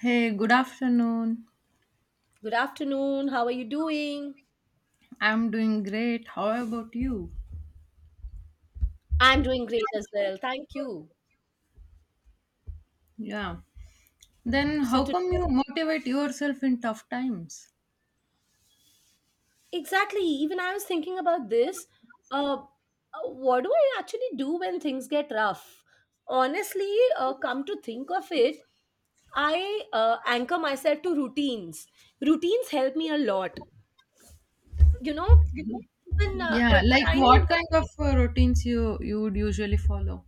Hey, good afternoon. Good afternoon. How are you doing? I'm doing great. How about you? I'm doing great as well. Thank you. Yeah. Then So how today, come you motivate yourself in tough times? exactly, even I was thinking about this. Uh, what do I actually do when things get rough? Honestly, come to think of it, I anchor myself to routines. Routines help me a lot. You know, even Yeah, like tiny. what kind of routines you would usually follow?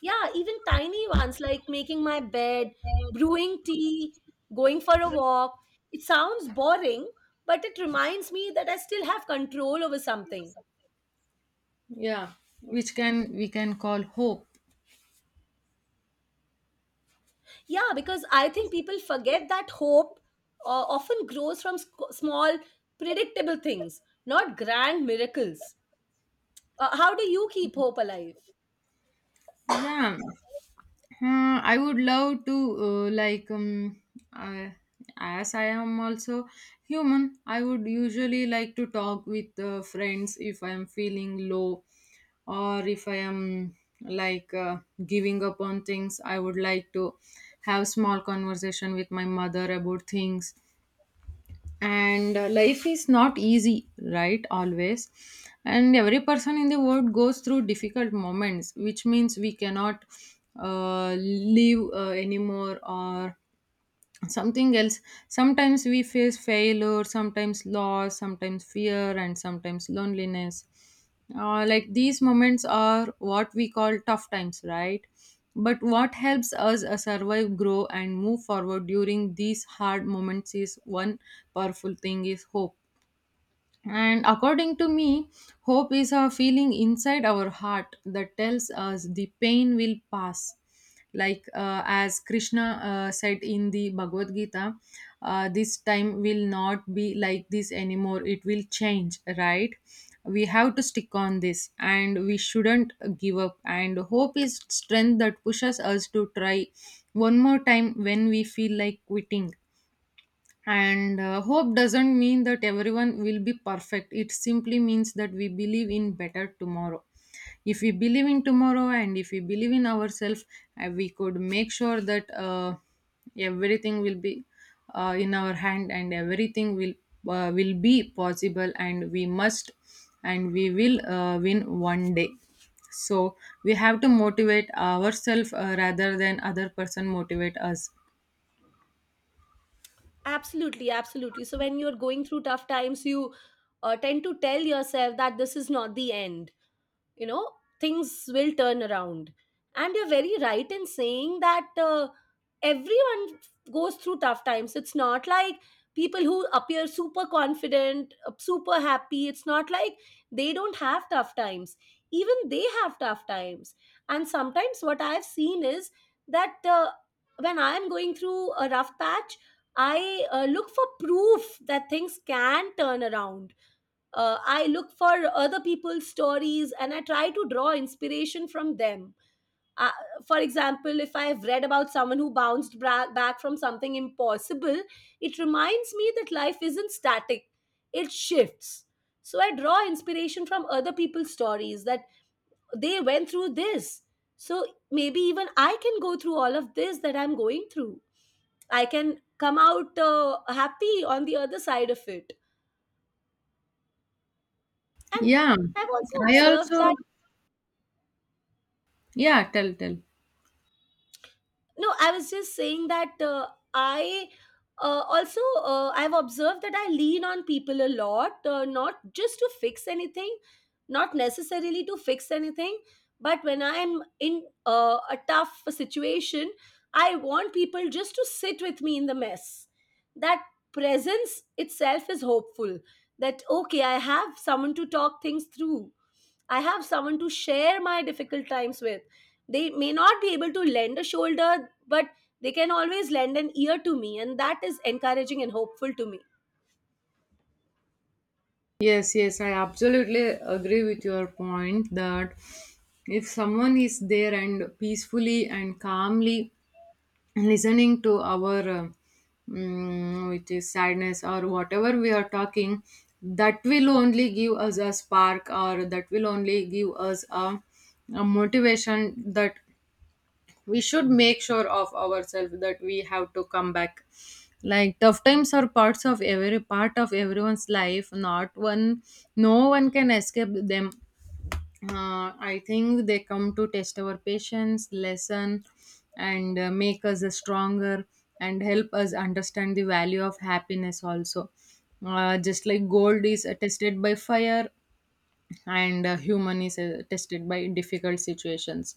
Yeah, even tiny ones like making my bed, brewing tea, going for a walk. It sounds boring, but it reminds me that I still have control over something. Yeah, which can we can call hope. Yeah, because I think people forget that hope uh, often grows from small, predictable things, not grand miracles. How do you keep hope alive? Yeah. I would love to, like, uh, as I am also human. I would usually like to talk with friends if I am feeling low, or if I am like, giving up on things. I would like to have small conversation with my mother about things, and life is not easy, right, always. And every person in the world goes through difficult moments, which means we cannot live anymore, or something else. Sometimes we face failure, sometimes loss, sometimes fear, and sometimes loneliness. Like, these moments are what we call tough times, right? But what helps us survive, grow, and move forward during these hard moments is one powerful thing: is hope. And according to me, hope is a feeling inside our heart that tells us the pain will pass. Like, as Krishna said in the Bhagavad Gita, this time will not be like this anymore. It will change, right? We have to stick on this, and we shouldn't give up. And hope is strength that pushes us to try one more time when we feel like quitting. And hope doesn't mean that everyone will be perfect. It simply means that we believe in better tomorrow. If we believe in tomorrow and if we believe in ourselves, we could make sure that everything will be in our hand, and everything will be possible. And we must and we will win one day. So we have to motivate ourselves, rather than other person motivate us. Absolutely, absolutely. So when you're going through tough times, you tend to tell yourself that this is not the end. You know, things will turn around, and you're very right in saying that everyone goes through tough times. It's not like people who appear super confident, super happy, it's not like they don't have tough times. Even they have tough times. And sometimes what I've seen is that when I'm going through a rough patch, I look for proof that things can turn around. I look for other people's stories, and I try to draw inspiration from them. uh, for example, if I've read about someone who back from something impossible, it reminds me that life isn't static. It shifts. So I draw inspiration from other people's stories, that they went through this, so maybe even I can go through all of this that I'm going through. I can come out happy on the other side of it. And Yeah, I've also I observed also— that. Yeah, tell, tell. No, I was just saying that I I've observed that I lean on people a lot, not just to fix anything, not necessarily to fix anything, but when I'm in a tough situation, I want people just to sit with me in the mess. That presence itself is hopeful. That okay, I have someone to talk things through. I have someone to share my difficult times with. They may not be able to lend a shoulder, but they can always lend an ear to me, and that is encouraging and hopeful to me. Yes, yes, I absolutely agree with your point that if someone is there and peacefully and calmly listening to our, which is sadness or whatever we are talking, that will only give us a spark, or that will only give us a motivation, that we should make sure of ourselves that we have to come back. Like, tough times are parts of every part of everyone's life. Not one— no one can escape them. I think they come to test our patience lesson, and make us stronger, and help us understand the value of happiness also. Just like gold is tested by fire, and human is tested by difficult situations.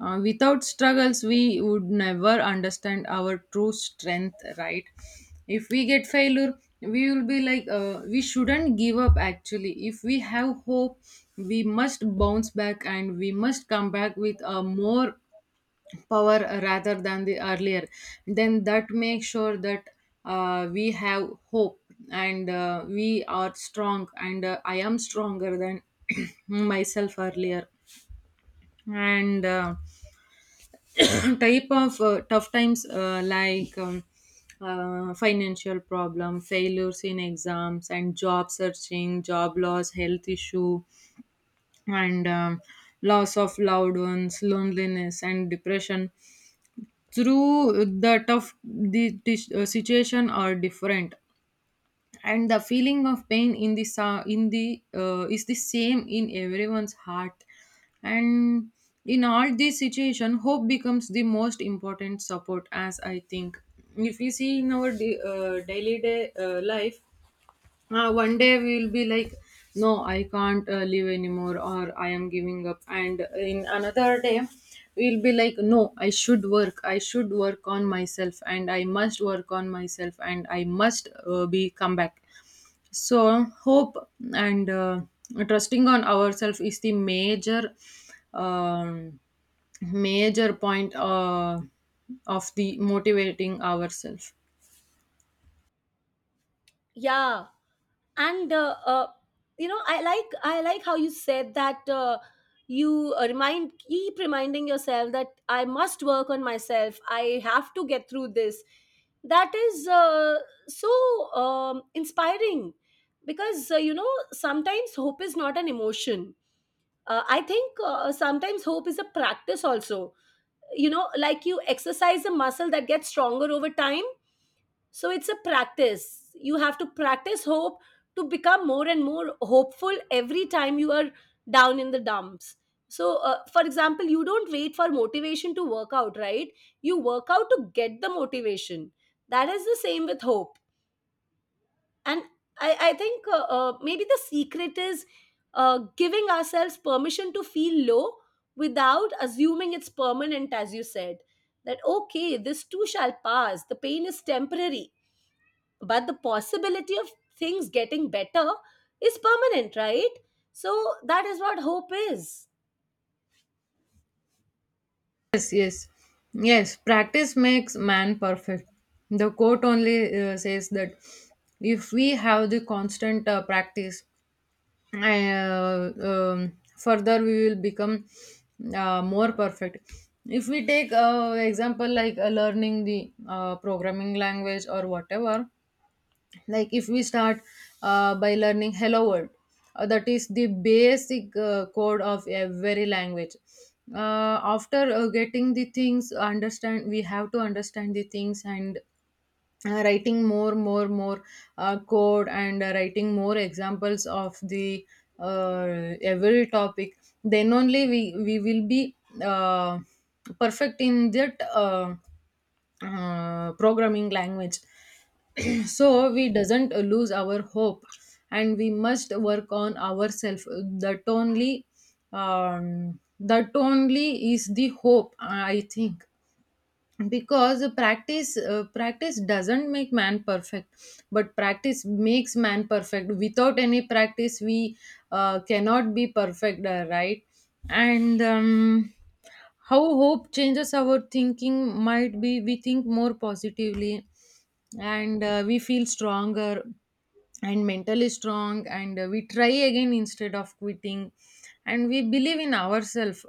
Without struggles, we would never understand our true strength, right? If we get failure, we will be like, we shouldn't give up, actually. If we have hope, we must bounce back, and we must come back with a more power rather than the earlier. Then that makes sure that we have hope, and we are strong, and I am stronger than myself earlier. And type of tough times, like, financial problem, failures in exams and job searching, job loss, health issue, and loss of loved ones, loneliness, and depression. Through that, of the situation are different, and the feeling of pain in the is the same in everyone's heart. And in all these situation, hope becomes the most important support, as I think. If we see in our daily day life, one day we will be like, no, I can't live anymore, or I am giving up. And in another day, we'll be like, no, I should work on myself, and I must work on myself, and I must be come back. So hope, and trusting on ourselves, is the um, major point of the motivating ourselves. Yeah, and you know, I like how you said that you remind keep reminding yourself that I must work on myself. I have to get through this. That is so inspiring because you know, sometimes hope is not an emotion. I think sometimes hope is a practice also. You know, like you exercise a muscle that gets stronger over time. So it's a practice. You have to practice hope to become more and more hopeful every time you are down in the dumps. So for example, you don't wait for motivation to work out, right? You work out to get the motivation. That is the same with hope. And I think maybe the secret is giving ourselves permission to feel low without assuming it's permanent, as you said, that okay, this too shall pass, the pain is temporary, but the possibility of things getting better is permanent, right? So that is what hope is. Yes, yes, yes. Practice makes man perfect. The quote only says that if we have the constant practice, further we will become more perfect. If we take example, like learning the programming language or whatever, like if we start by learning hello world. That is the basic code of every language. uh, After getting the things understand, we have to understand the things, and writing more more more code, and writing more examples of the every topic, then only we will be uh, perfect in that, programming language. So we doesn't lose our hope, and we must work on ourselves. That only um, that only is the hope, I think. Because practice doesn't make man perfect, but practice makes man perfect. Without any practice, we cannot be perfect, right? And how hope changes our thinking, might be we think more positively, and we feel stronger, and mentally strong, and we try again instead of quitting, and we believe in ourselves.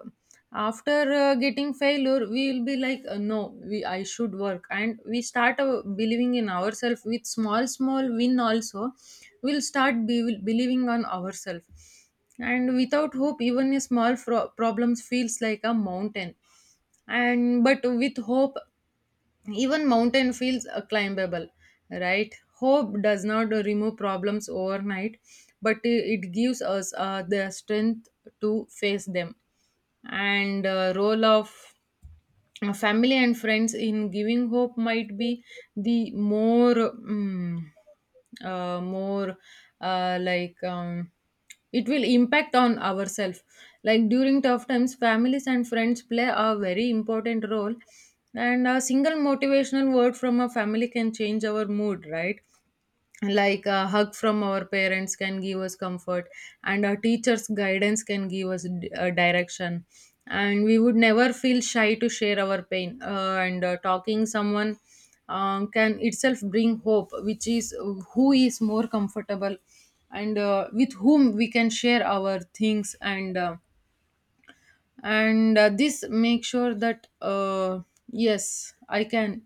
After getting failure, we will be like, no, we— I should work, and we start believing in ourselves. With small small win also, we'll start believing on ourselves. And without hope, even a small problems feels like a mountain. And but with hope, even mountain feels climbable, right? Hope does not remove problems overnight, but it gives us the strength to face them. And role of family and friends in giving hope might be the more, like, it will impact on ourselves. Like during tough times, families and friends play a very important role, and a single motivational word from a family can change our mood, right? Like a hug from our parents can give us comfort, and our teachers guidance can give us direction. And we would never feel shy to share our pain, and talking someone can itself bring hope, which is who is more comfortable, and with whom we can share our things. And this make sure that, yes, I can—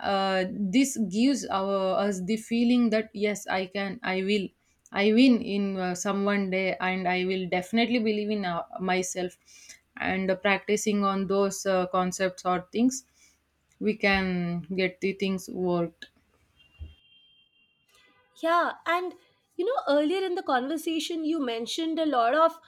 this gives us the feeling that yes, I can, I will. I win in, some one day, and I will definitely believe in myself. And practicing on those concepts or things, we can get the things worked. Yeah, and you know, earlier in the conversation, you mentioned a lot of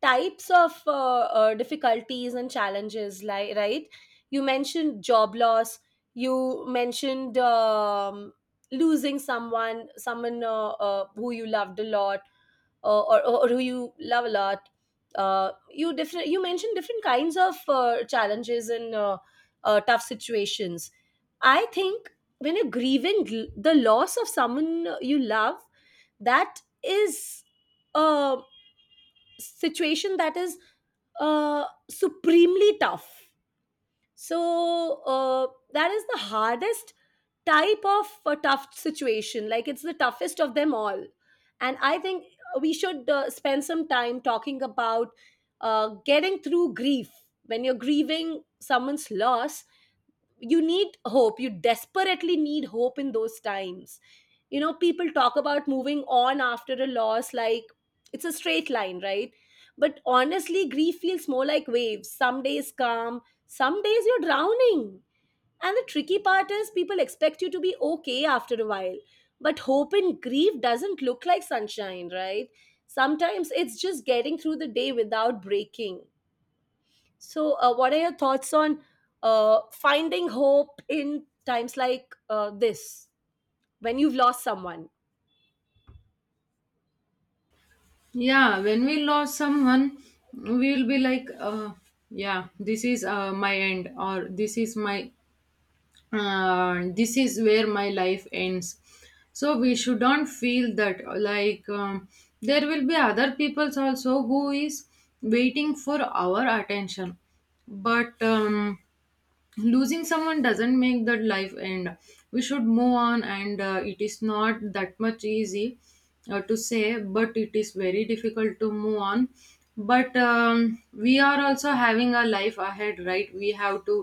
types of difficulties and challenges, like, right? You mentioned job loss. You mentioned losing someone, someone who you loved a lot, or or who you love a lot. You mentioned different kinds of challenges and tough situations. I think when you're grieving the loss of someone you love, that is a situation that is uh, supremely tough. So that is the hardest type of a tough situation. Like, it's the toughest of them all. And I think we should spend some time talking about getting through grief. When you're grieving someone's loss, you need hope. You desperately need hope in those times. You know, people talk about moving on after a loss like it's a straight line, right? But honestly, grief feels more like waves. Some days calm, some days you're drowning. And the tricky part is people expect you to be okay after a while. But hope in grief doesn't look like sunshine, right? Sometimes it's just getting through the day without breaking. So, what are your thoughts on finding hope in times like this, when you've lost someone? Yeah, when we lost someone, we will be like, yeah, this is my end, or this is where my life ends. So we shouldn't feel that. Like, there will be other peoples also who is waiting for our attention. But losing someone doesn't make that life end. We should move on, and it is not that much easy to say, but it is very difficult to move on. But we are also having a life ahead, right? We have to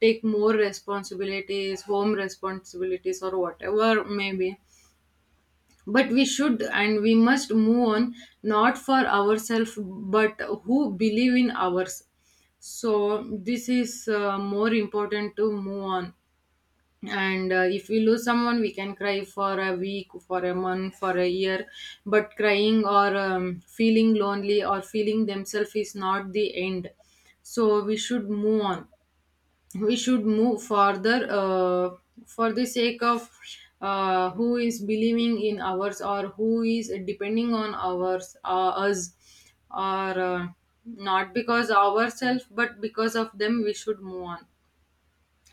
take more responsibilities, home responsibilities, or whatever maybe. But we should, and we must move on, not for ourselves, but who believe in ours. So this is more important to move on. And if we lose someone, we can cry for a week, for a month, for a year. But crying, or feeling lonely, or feeling themselves is not the end. So we should move on. We should move further, for the sake of who is believing in ours, or who is depending on ours us, or not because ourselves but because of them, we should move on.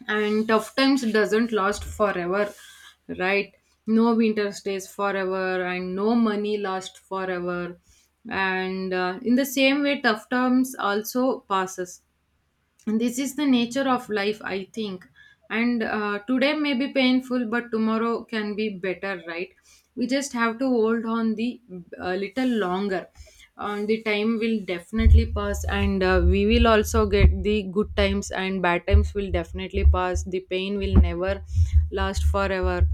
And tough times doesn't last forever, right? No winter stays forever, and no money lasts forever. And in the same way, tough times also passes. And this is the nature of life, I think. And today may be painful, but tomorrow can be better, right? We just have to hold on the a little longer. The time will definitely pass, and we will also get the good times, and bad times will definitely pass. The pain will never last forever.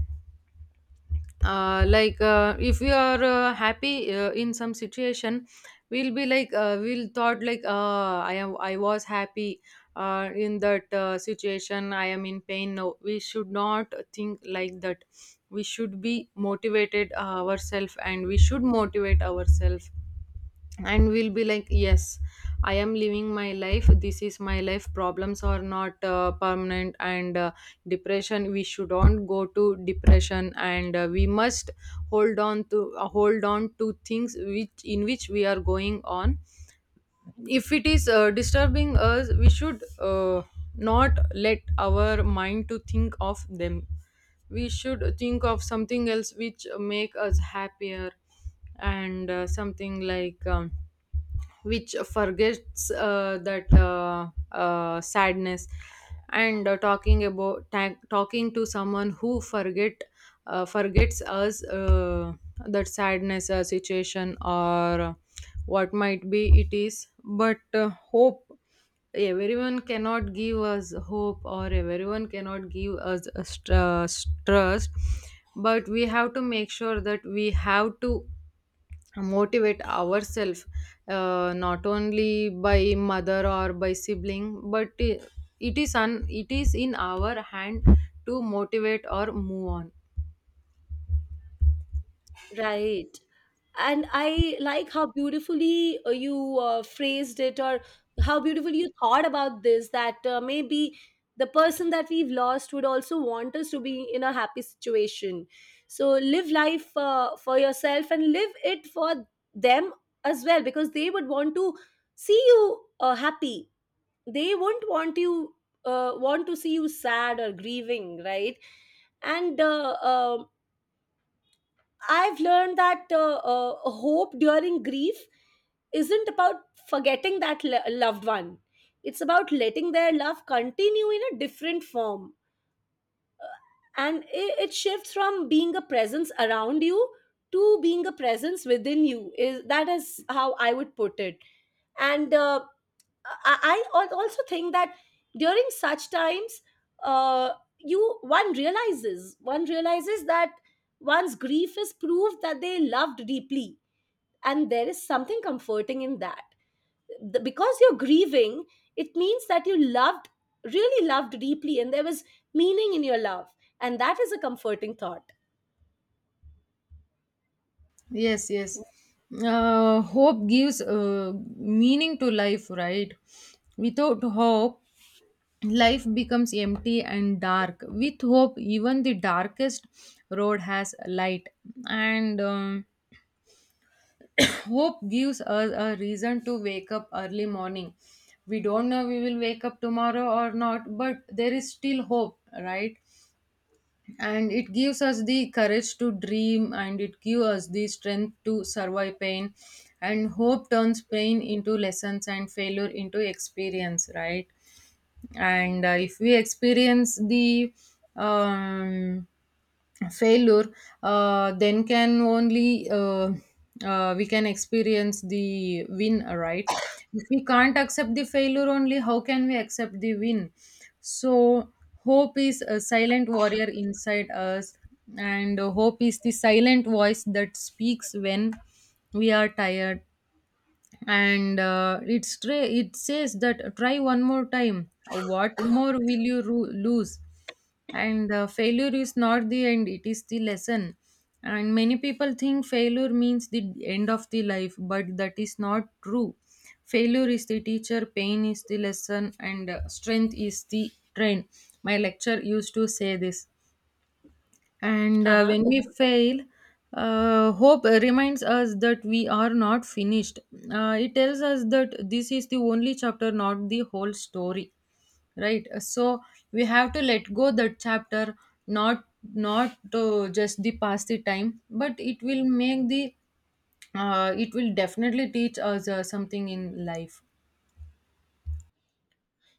Like, if we are happy in some situation, we'll be like, we'll thought like, I am— I was happy in that situation. I am in pain. No, we should not think like that. We should be motivated, ourselves, and we should motivate ourselves. And we'll be like, yes, I am living my life. This is my life. Problems are not permanent. And depression, we shouldn't go to depression. And we must hold on to things which in which we are going on. If it is disturbing us, we should not let our mind to think of them. We should think of something else which make us happier, and something like, which forgets that, sadness. And talking about— talking to someone who forgets us, that sadness Situation or what might be it is, but hope. Everyone cannot give us hope, or everyone cannot give us a trust. But we have to make sure that we have to motivate ourselves, not only by mother or by sibling, but it is it is in our hand to motivate or move on. Right. And I like how beautifully you phrased it, or how beautifully you thought about this, that maybe the person that we've lost would also want us to be in a happy situation. So, live life for yourself and live it for them as well, because they would want to see you happy. They won't want you want to see you sad or grieving, right? And I've learned that hope during grief isn't about forgetting that loved one. It's about letting their love continue in a different form. And it shifts from being a presence around you to being a presence within you. Is that is how I would put it. And I also think that during such times, uh, you one realizes that one's grief is proof that they loved deeply, and there is something comforting in that. Because you're grieving, it means that you loved, really loved deeply, and there was meaning in your love, and that is a comforting thought. Yes, yes, hope gives meaning to life, right? Without hope life becomes empty and dark. With hope even the darkest road has light. And hope gives us a reason to wake up early morning. We don't know we will wake up tomorrow or not, but there is still hope, right? And it gives us the courage to dream, and it gives us the strength to survive pain. And hope turns pain into lessons and failure into experience, right? And if we experience the um, failure, then can only we can experience the win, right? If we can't accept the failure only, how can we accept the win? So hope is a silent warrior inside us, and hope is the silent voice that speaks when we are tired. And it's it says that try one more time, what more will you lose? And failure is not the end, it is the lesson. And many people think failure means the end of the life, but that is not true. Failure is the teacher, pain is the lesson, and strength is the train. My lecture used to say this. And Uh huh. when we fail, hope reminds us that we are not finished. It tells us that this is the only chapter, not the whole story, right? So we have to let go that chapter, not not to just the pass the time, but it will make the, it will definitely teach us something in life.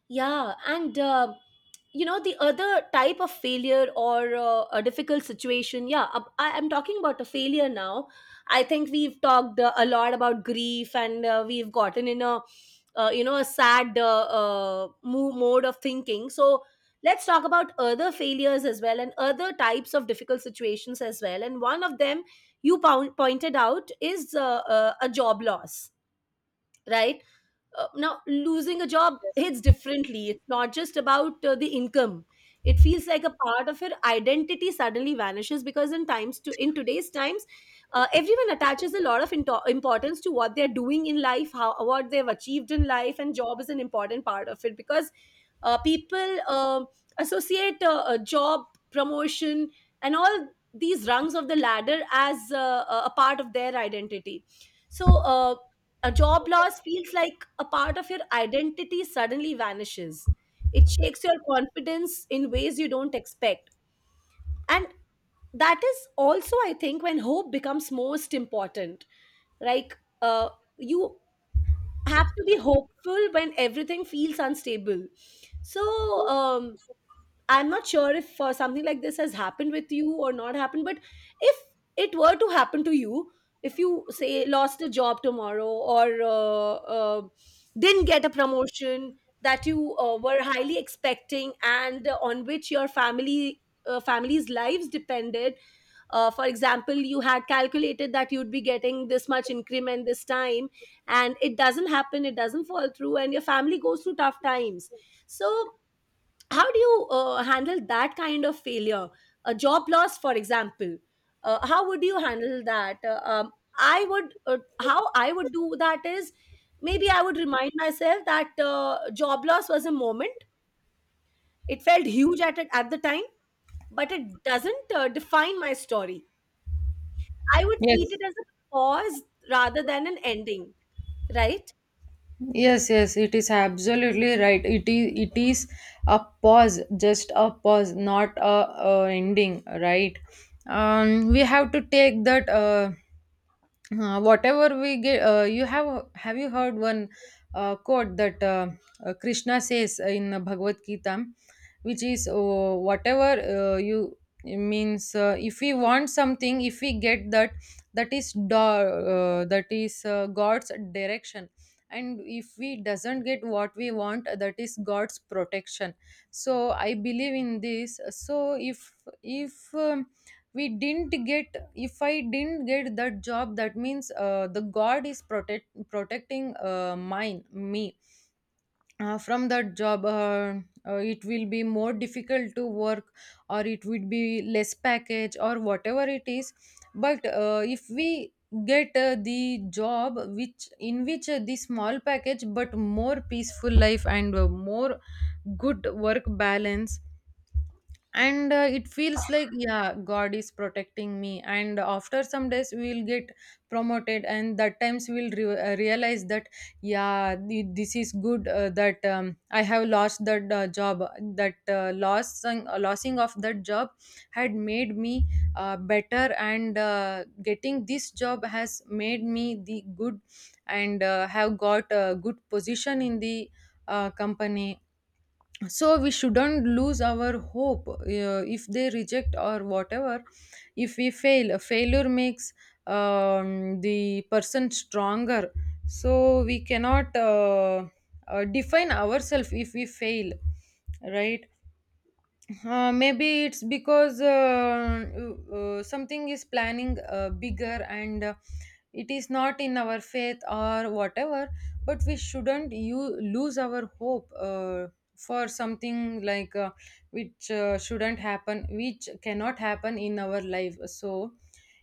Yeah, and you know, the other type of failure or a difficult situation. Yeah, I am talking about a failure now. I think we've talked a lot about grief, and we've gotten in a you know, a sad mode of thinking. So let's talk about other failures as well, and other types of difficult situations as well. And one of them you pointed out is a job loss, right? Now losing a job hits differently. It's not just about the income. It feels like a part of your identity suddenly vanishes, because in today's times, everyone attaches a lot of importance to what they're doing in life, how, what they've achieved in life, and job is an important part of it, because people associate a job promotion and all these rungs of the ladder as a part of their identity. So uh, a job loss feels like a part of your identity suddenly vanishes. It shakes your confidence in ways you don't expect. And that is also, I think, when hope becomes most important. Like, you have to be hopeful when everything feels unstable. So, um, I'm not sure if something like this has happened with you or not happened, but if it were to happen to you, if you say lost a job tomorrow or uh, didn't get a promotion that you were highly expecting, and on which your family family's lives depended, for example, you had calculated that you'd be getting this much increment this time, and it doesn't happen, it doesn't fall through, and your family goes through tough times. So how do you handle that kind of failure, a job loss for example? How would you handle that? I would How I would do that is, maybe I would remind myself that job loss was a moment. It felt huge at it at the time, but it doesn't define my story. I would treat Yes, it as a pause rather than an ending, right? Yes, yes, it is absolutely right. It is a pause, just a pause, not a, a ending, right? We have to take that. Whatever we get, you have you heard one quote that Krishna says in Bhagavad Gita, which is whatever you, it means if we want something, if we get that, that is that is God's direction. And if we doesn't get what we want, that is God's protection. So I believe in this. So if if um, we didn't get, if I didn't get that job, that means the God is protecting mine me from that job. It will be more difficult to work, or it would be less package or whatever it is. But if we get the job which in which the small package but more peaceful life and more good work balance, and it feels like, yeah, God is protecting me. And after some days we will get promoted, and that times we will realize that, yeah, this is good that I have lost that job. That loss, losing of that job had made me better, and getting this job has made me the good, and have got a good position in the company. So we shouldn't lose our hope if they reject or whatever. If we fail, a failure makes the person stronger. So we cannot define ourselves if we fail, right? Uh, Maybe it's because something is planning bigger, and it is not in our faith or whatever, but we shouldn't you lose our hope for something like which shouldn't happen, which cannot happen in our life. So,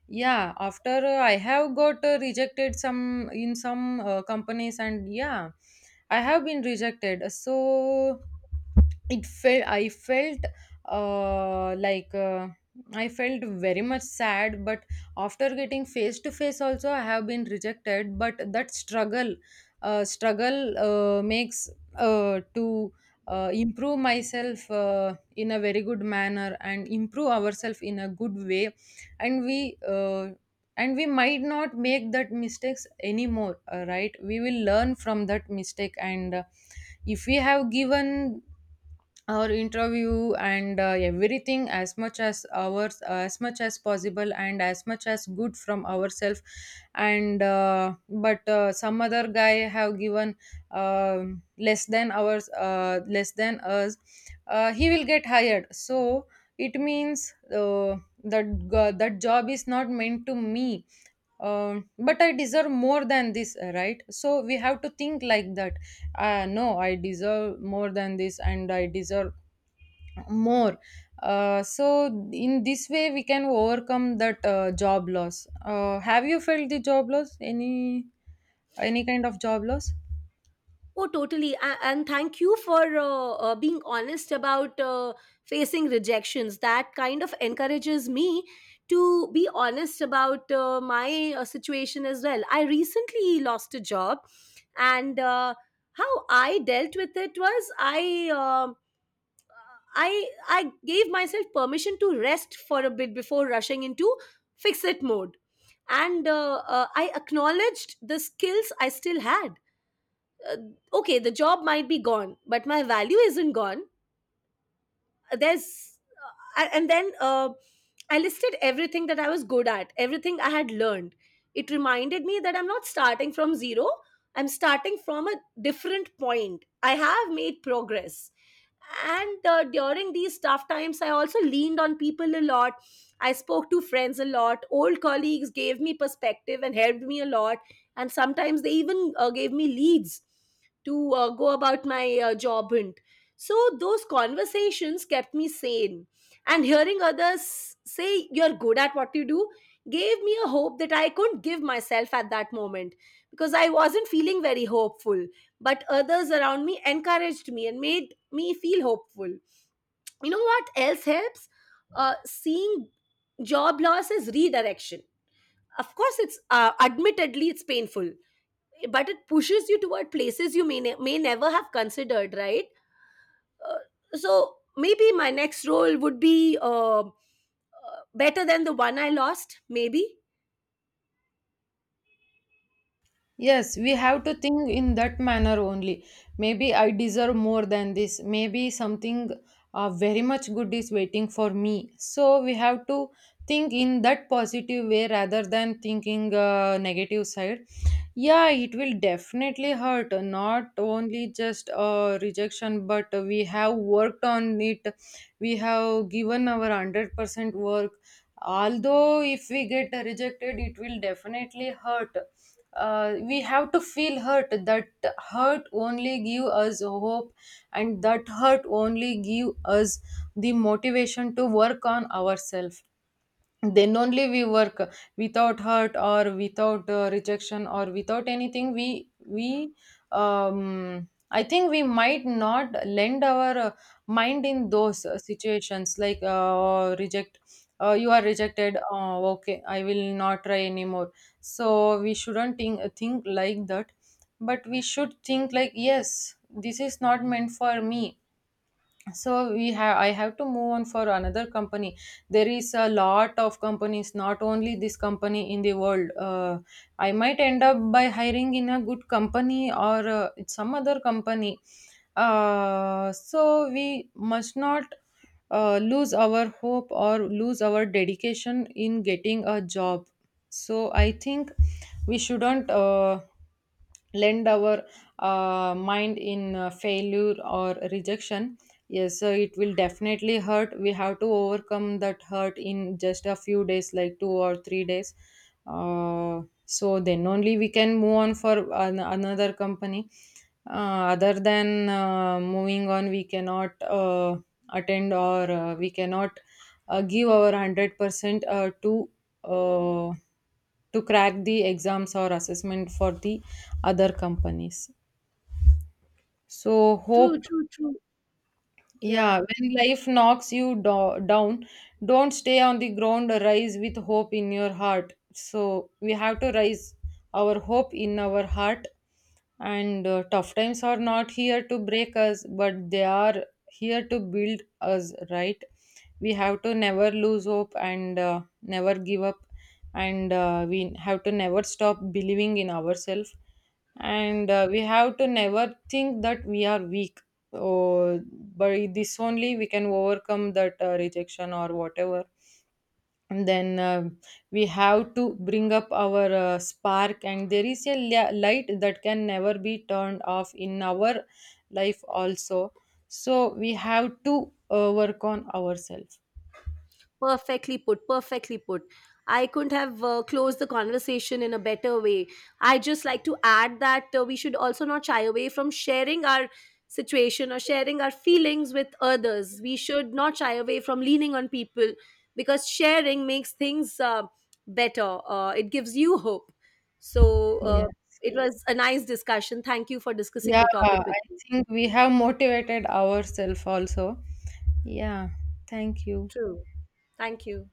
yeah, after I have got rejected some in some companies, and yeah, I have been rejected. So, it felt I felt like I felt very much sad, but after getting face to face also I have been rejected. But that struggle, struggle makes to improve myself in a very good manner, and improve ourselves in a good way. and we uh, and we might not make that mistakes anymore, right? We will learn from that mistake. And if we have given our interview and everything as much as ours, as much as possible and as much as good from ourselves, and but some other guy have given less than ours, less than us, he will get hired. So it means that that job is not meant to me. But I deserve more than this, right? So we have to think like that. No, I deserve more than this, and I deserve more. So in this way we can overcome that job loss. Have you felt the job loss, any kind of job loss? Oh, totally. And thank you for being honest about facing rejections. That kind of encourages me to be honest about my situation as well. I recently lost a job, and how I dealt with it was I gave myself permission to rest for a bit before rushing into fix it mode, and I acknowledged the skills I still had. uh, okay, the job might be gone, but my value isn't gone. There's and then I listed everything that I was good at, everything I had learned. It reminded me that I'm not starting from zero. I'm starting from a different point. I have made progress. And during these tough times, I also leaned on people a lot. I spoke to friends a lot. Old colleagues gave me perspective and helped me a lot, and sometimes they even gave me leads to go about my job hunt. So those conversations kept me sane, and hearing others say you're good at what you do gave me a hope that I couldn't give myself at that moment, because I wasn't feeling very hopeful. But others around me encouraged me and made me feel hopeful. You know what else helps? Seeing job loss as redirection. Of course, it's admittedly, it's painful, but it pushes you toward places you may may never have considered, right? So maybe my next role would be better than the one I lost. Maybe. Yes, we have to think in that manner only. Maybe I deserve more than this. Maybe something very much good is waiting for me. So we have to think in that positive way rather than thinking negative side. Yeah, it will definitely hurt. Not only just rejection, but we have worked on it. We have given our 100% work. Although if we get rejected, it will definitely hurt. We have to feel hurt, that hurt only give us hope, and that hurt only give us the motivation to work on ourselves. Then only we work. Without hurt or without rejection or without anything, we I think we might not lend our mind in those situations like, reject, you are rejected, okay, I will not try anymore. So we shouldn't think like that, but we should think like, yes, this is not meant for me. So we have I have to move on for another company. There is a lot of companies, not only this company in the world. I might end up by hiring in a good company or some other company. So we must not lose our hope or lose our dedication in getting a job. So I think we shouldn't lend our mind in failure or rejection. Yes, so it will definitely hurt. We have to overcome that hurt in just a few days, like 2 or 3 days. Uh, so then only we can move on for another company. Other than moving on, we cannot attend or we cannot give our 100% uh, to crack the exams or assessment for the other companies. So True. hope, True. True. yeah, Yeah. when life knocks you down, don't stay on the ground, rise with hope in your heart. So we have to rise our hope in our heart. And tough times are not here to break us, but they are here to build us, right? We have to never lose hope, and never give up. And we have to never stop believing in ourselves. And we have to never think that we are weak, or by this only we can overcome that rejection or whatever. And then we have to bring up our spark, and there is a light that can never be turned off in our life also. So we have to work on ourselves. Perfectly put, perfectly put. I couldn't have closed the conversation in a better way. I just like to add that we should also not shy away from sharing our situation or sharing our feelings with others. We should not shy away from leaning on people, because sharing makes things better. It gives you hope. So Yeah. It was a nice discussion. Thank you for discussing the Yeah, topic with I me. think we have motivated ourselves also. Yeah, thank you. True. Thank you.